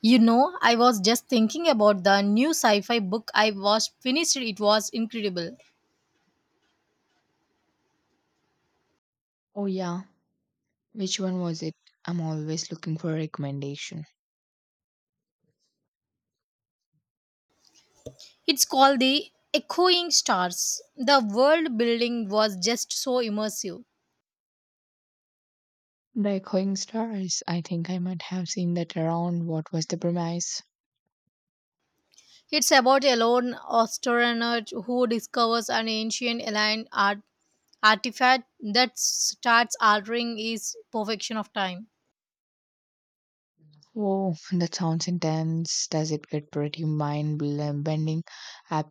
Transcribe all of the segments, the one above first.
I was just thinking about the new sci fi book I was finished. It was incredible. Oh yeah, which one was it? I'm always looking for recommendation. It's called The Echoing Stars. The world building was just so immersive. The Echoing Stars. I think I might have seen that around. What was the premise? It's about a lone astronaut who discovers an ancient alien artifact that starts altering his perfection of time. Oh, that sounds intense. Does it get pretty bending? I,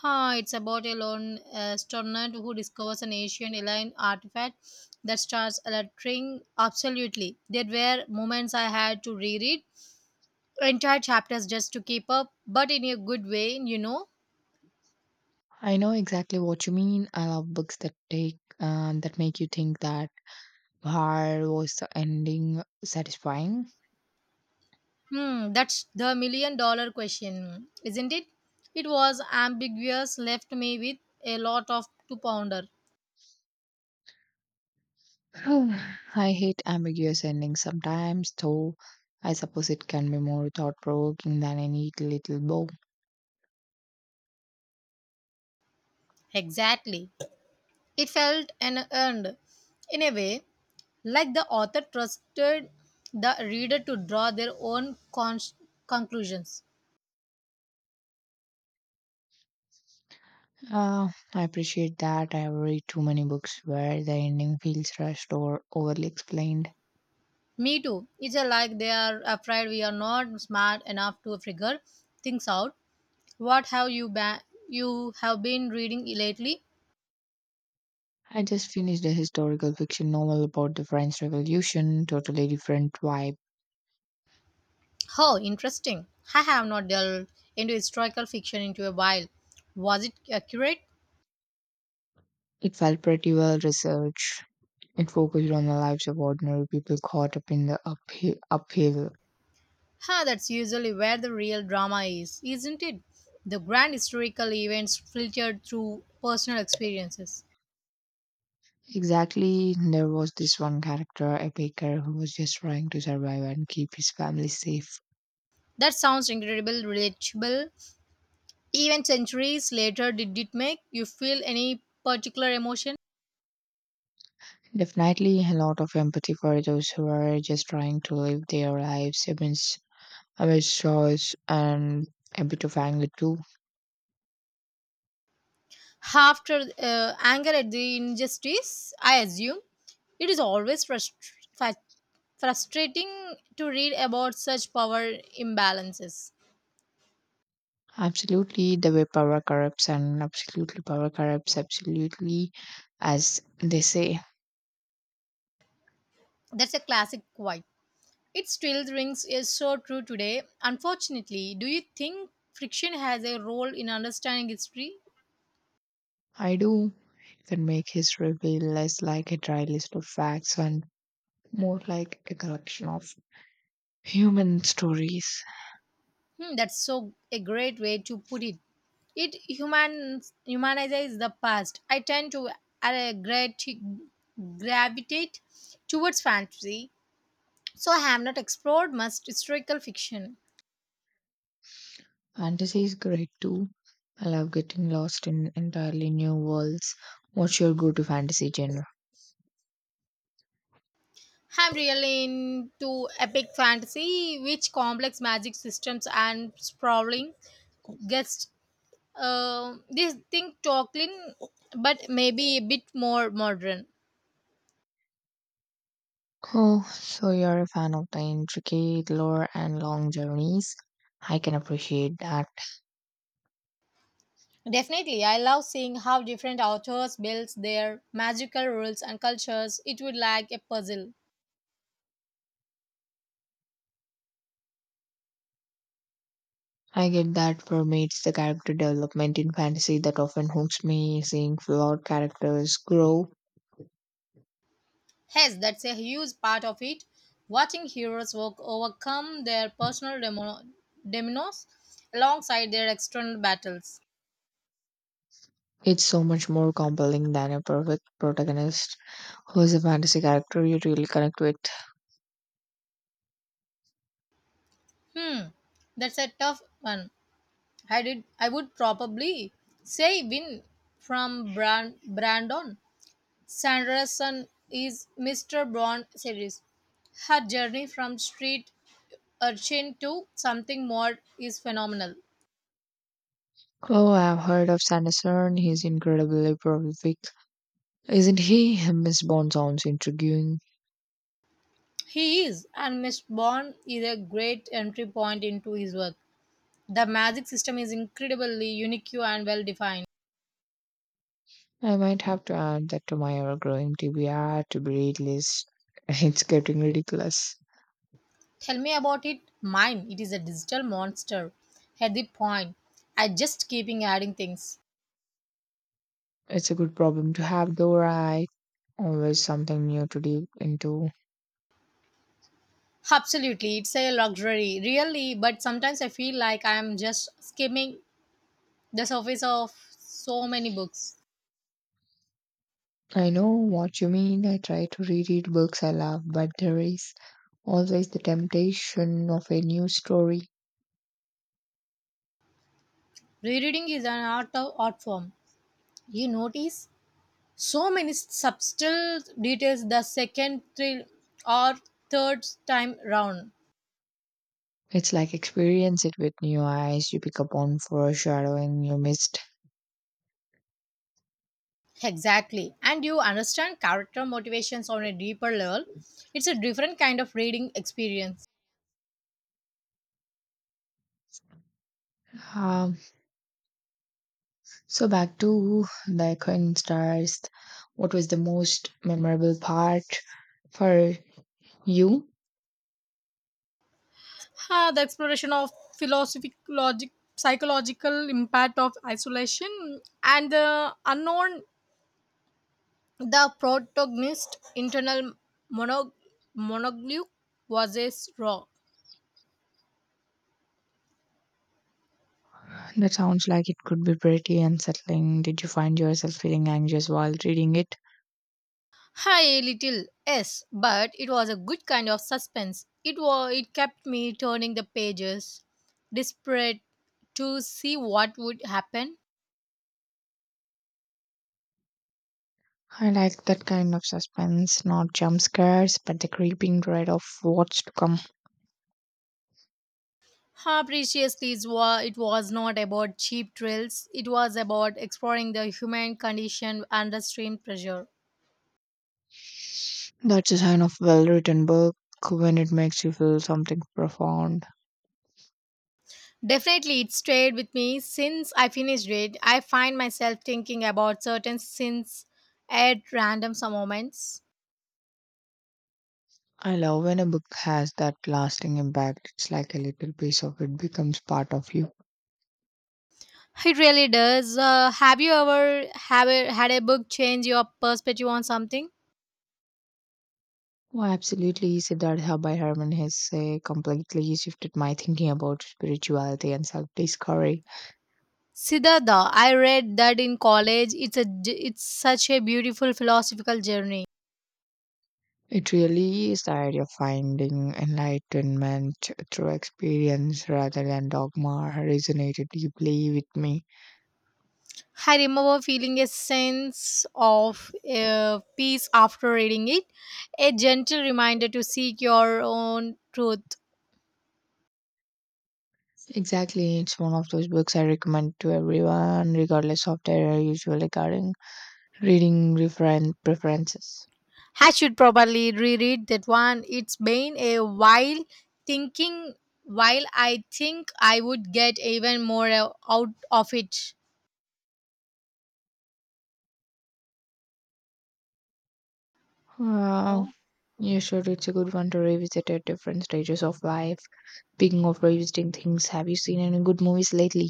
It's about a lone astronaut who discovers an ancient alien artifact that starts electing. Absolutely. There were moments I had to reread entire chapters just to keep up, but in a good way. I know exactly what you mean. I love books that take that make you think that where was the ending satisfying? That's the million dollar question, isn't it? It was ambiguous, left me with a lot of to ponder. I hate ambiguous endings sometimes, though. I suppose it can be more thought provoking than any little book. Exactly. It felt and earned, in a way, like the author trusted the reader to draw their own conclusions. Uh, I appreciate that. I have read too many books where the ending feels rushed or overly explained. Me too. It's a like they are afraid we are not smart enough to figure things out. What have you ba- You have been reading lately? I just finished a historical fiction novel about the French Revolution, totally different vibe. Oh, interesting. I have not delved into historical fiction into a while. Was it accurate? It felt pretty well researched. It focused on the lives of ordinary people caught up in the uphill. That's usually where the real drama is, isn't it? The grand historical events filtered through personal experiences. Exactly, there was this one character, a baker, who was just trying to survive and keep his family safe. That sounds incredible, relatable. Even centuries later, did it make you feel any particular emotion? Definitely a lot of empathy for those who are just trying to live their lives amidst I wish choice and a bit of anger too. After anger at the injustice, I assume it is always fa- frustrating to read about such power imbalances. Absolutely, the way power corrupts and absolutely power corrupts absolutely, as they say. That's a classic quote. It still rings is so true today. Unfortunately, do you think friction has a role in understanding history? I do can make history feel less like a dry list of facts and more like a collection of human stories. That's so a great way to put it. It humanizes the past. I tend to uh, great, gravitate towards fantasy, so I have not explored much historical fiction. Fantasy is great too. I love getting lost in entirely new worlds. What's your go-to fantasy genre? I'm really into epic fantasy, which complex magic systems and sprawling guest this thing Tolkien, but maybe a bit more modern. Oh, so you're a fan of the intricate lore and long journeys. I can appreciate that. Definitely, I love seeing how different authors build their magical rules and cultures. It would like a puzzle. I get that for me it's the character development in fantasy that often hooks me, seeing flawed characters grow. Yes, that's a huge part of it. Watching heroes work overcome their personal demons alongside their external battles. It's so much more compelling than a perfect protagonist who is a fantasy character you really connect with. Hmm, that's a tough one. I did. I would probably say win from Brandon. Sanderson is Mr. Brown series. Her journey from street urchin to something more is phenomenal. Oh, I've heard of Sanderson. He's incredibly prolific. Isn't he? Miss Bond sounds intriguing. He is, and Miss Bond is a great entry point into his work. The magic system is incredibly unique and well defined. I might have to add that to my ever growing TBR to be read list. It's getting ridiculous. Tell me about it. Mine, it is a digital monster. At the point, I just keeping adding things. It's a good problem to have, though, right? Always something new to dig into. Absolutely, it's a luxury, really, but sometimes I feel like I'm just skimming the surface of so many books. I know what you mean. I try to reread books I love, but there is always the temptation of a new story. Rereading is an art of art form. You notice so many subtle details the second, thrill or third time round. It's like experience it with new eyes. You pick up on foreshadowing you missed. Exactly, and you understand character motivations on a deeper level. It's a different kind of reading experience. Um, so back to the Echoing Stars. What was the most memorable part? For you, The exploration of philosophic logic, psychological impact of isolation, and the unknown. The protagonist, internal monog- monologue, was a raw. that sounds like it could be pretty unsettling. Did you find yourself feeling anxious while reading it? Hi, little yes, but it was a good kind of suspense. It kept me turning the pages, desperate to see what would happen. I like that kind of suspense, not jump scares, but the creeping dread of what's to come. How preciously it was not about cheap thrills. It was about exploring the human condition under extreme pressure. That's a sign of well written book when it makes you feel something profound. Definitely, it stayed with me since I finished it. I find myself thinking about certain scenes at random some moments. I love when a book has that lasting impact. It's like a little piece of it becomes part of you. It really does. Have you ever had a book change your perspective on something? Oh, absolutely. Siddhartha by Herman Hesse completely shifted my thinking about spirituality and self discovery. Siddhartha, I read that in college. It's such a beautiful philosophical journey. It really is the idea of finding enlightenment through experience rather than dogma resonated deeply with me. I remember feeling a sense of peace after reading it, a gentle reminder to seek your own truth. Exactly. It's one of those books I recommend to everyone, regardless of their usual regarding preferences. I should probably reread that one. It's been a while thinking while I think I would get even more out of it. Wow. No? You should. It's a good one to revisit at different stages of life. Speaking of revisiting things, have you seen any good movies lately,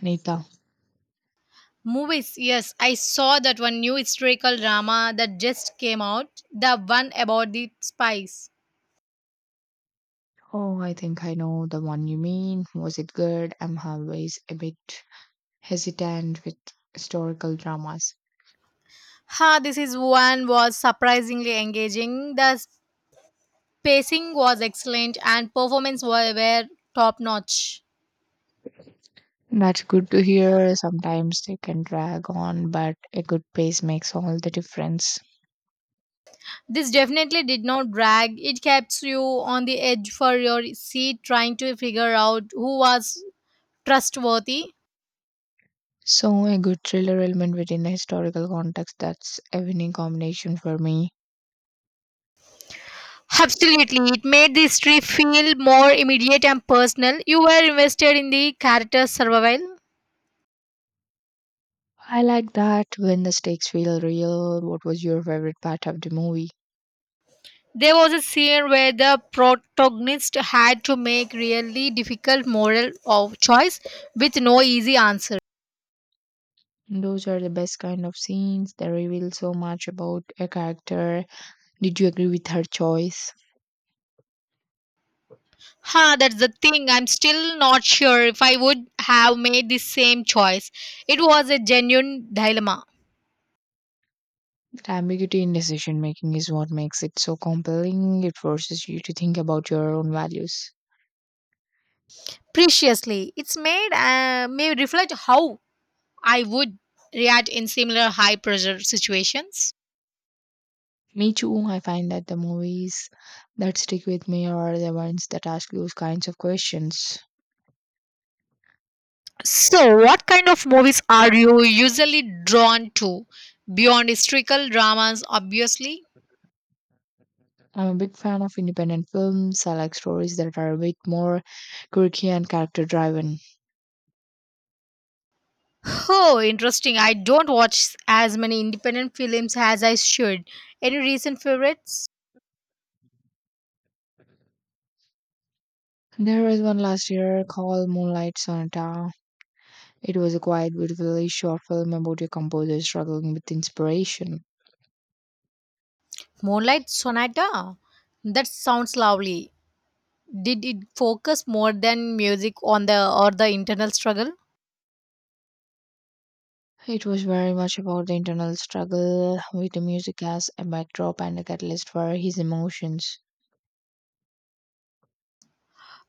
Anita? Movies, yes, I saw that one new historical drama that just came out, the one about the spies. Oh, I think I know the one you mean. Was it good? I'm always a bit hesitant with historical dramas. This is one was surprisingly engaging. The pacing was excellent and performance were top notch. That's good to hear. Sometimes they can drag on, but a good pace makes all the difference. This definitely did not drag. It kept you on the edge for your seat trying to figure out who was trustworthy. So, a good thriller element within a historical context, that's a winning combination for me. Absolutely. It made the history feel more immediate and personal. You were invested in the character's survival. I like that when the stakes feel real. What was your favorite part of the movie? There was a scene where the protagonist had to make really difficult moral of choice with no easy answer. Those are the best kind of scenes that reveal so much about a character. Did you agree with her choice? That's the thing. I'm still not sure if I would have made the same choice. It was a genuine dilemma. That ambiguity in decision making is what makes it so compelling. It forces you to think about your own values. Preciously, it's made may reflect how I would react in similar high pressure situations. Me too, I find that the movies that stick with me are the ones that ask those kinds of questions. So, what kind of movies are you usually drawn to? Beyond historical dramas, obviously. I'm a big fan of independent films. I like stories that are a bit more quirky and character driven. Oh, interesting. I don't watch as many independent films as I should. Any recent favorites? There was one last year called Moonlight Sonata. It was a quiet, beautifully short film about a composer struggling with inspiration. Moonlight Sonata? That sounds lovely. Did it focus more than music on the internal struggle? It was very much about the internal struggle with the music as a backdrop and a catalyst for his emotions.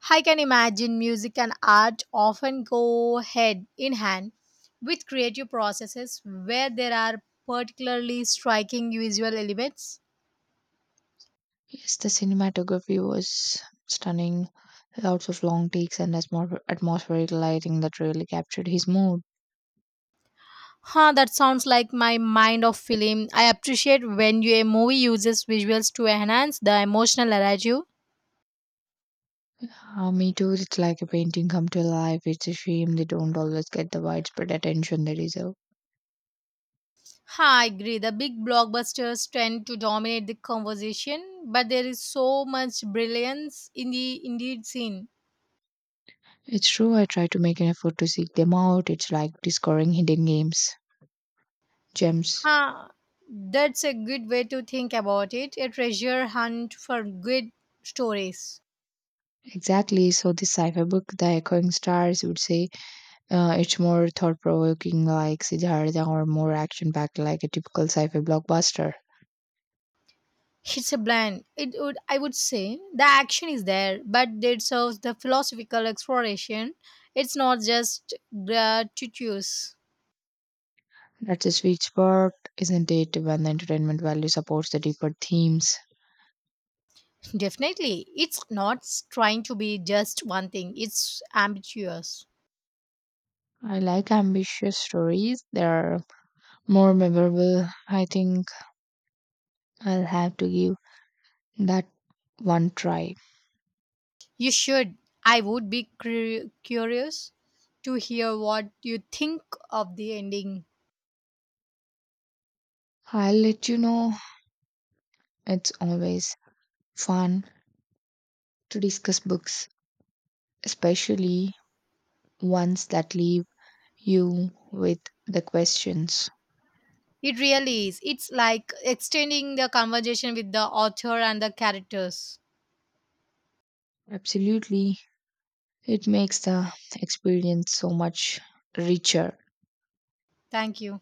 I can imagine music and art often go head in hand with creative processes where there are particularly striking visual elements. Yes, the cinematography was stunning. Lots of long takes and atmospheric lighting that really captured his mood. That sounds like my mind of film. I appreciate when a movie uses visuals to enhance the emotional narrative. Me too, it's like a painting come to life. It's a shame they don't always get the widespread attention they deserve. I agree. The big blockbusters tend to dominate the conversation, but there is so much brilliance in the indeed scene. It's true, I try to make an effort to seek them out. It's like discovering hidden games. Gems. Ah, that's a good way to think about it. A treasure hunt for good stories. Exactly. So the sci-fi book, The Echoing Stars, would say it's more thought-provoking, like Siddhartha, or more action-packed, like a typical sci-fi blockbuster. It's a blend. I would say, the action is there, but it serves the philosophical exploration. It's not just gratuitous. That's a sweet spot, isn't it? When the entertainment value supports the deeper themes. Definitely, it's not trying to be just one thing. It's ambitious. I like ambitious stories. They are more memorable. I think I'll have to give that one try. You should. I would be curious to hear what you think of the ending. I'll let you know. It's always fun to discuss books, especially ones that leave you with the questions. It really is. It's like extending the conversation with the author and the characters. Absolutely. It makes the experience so much richer. Thank you.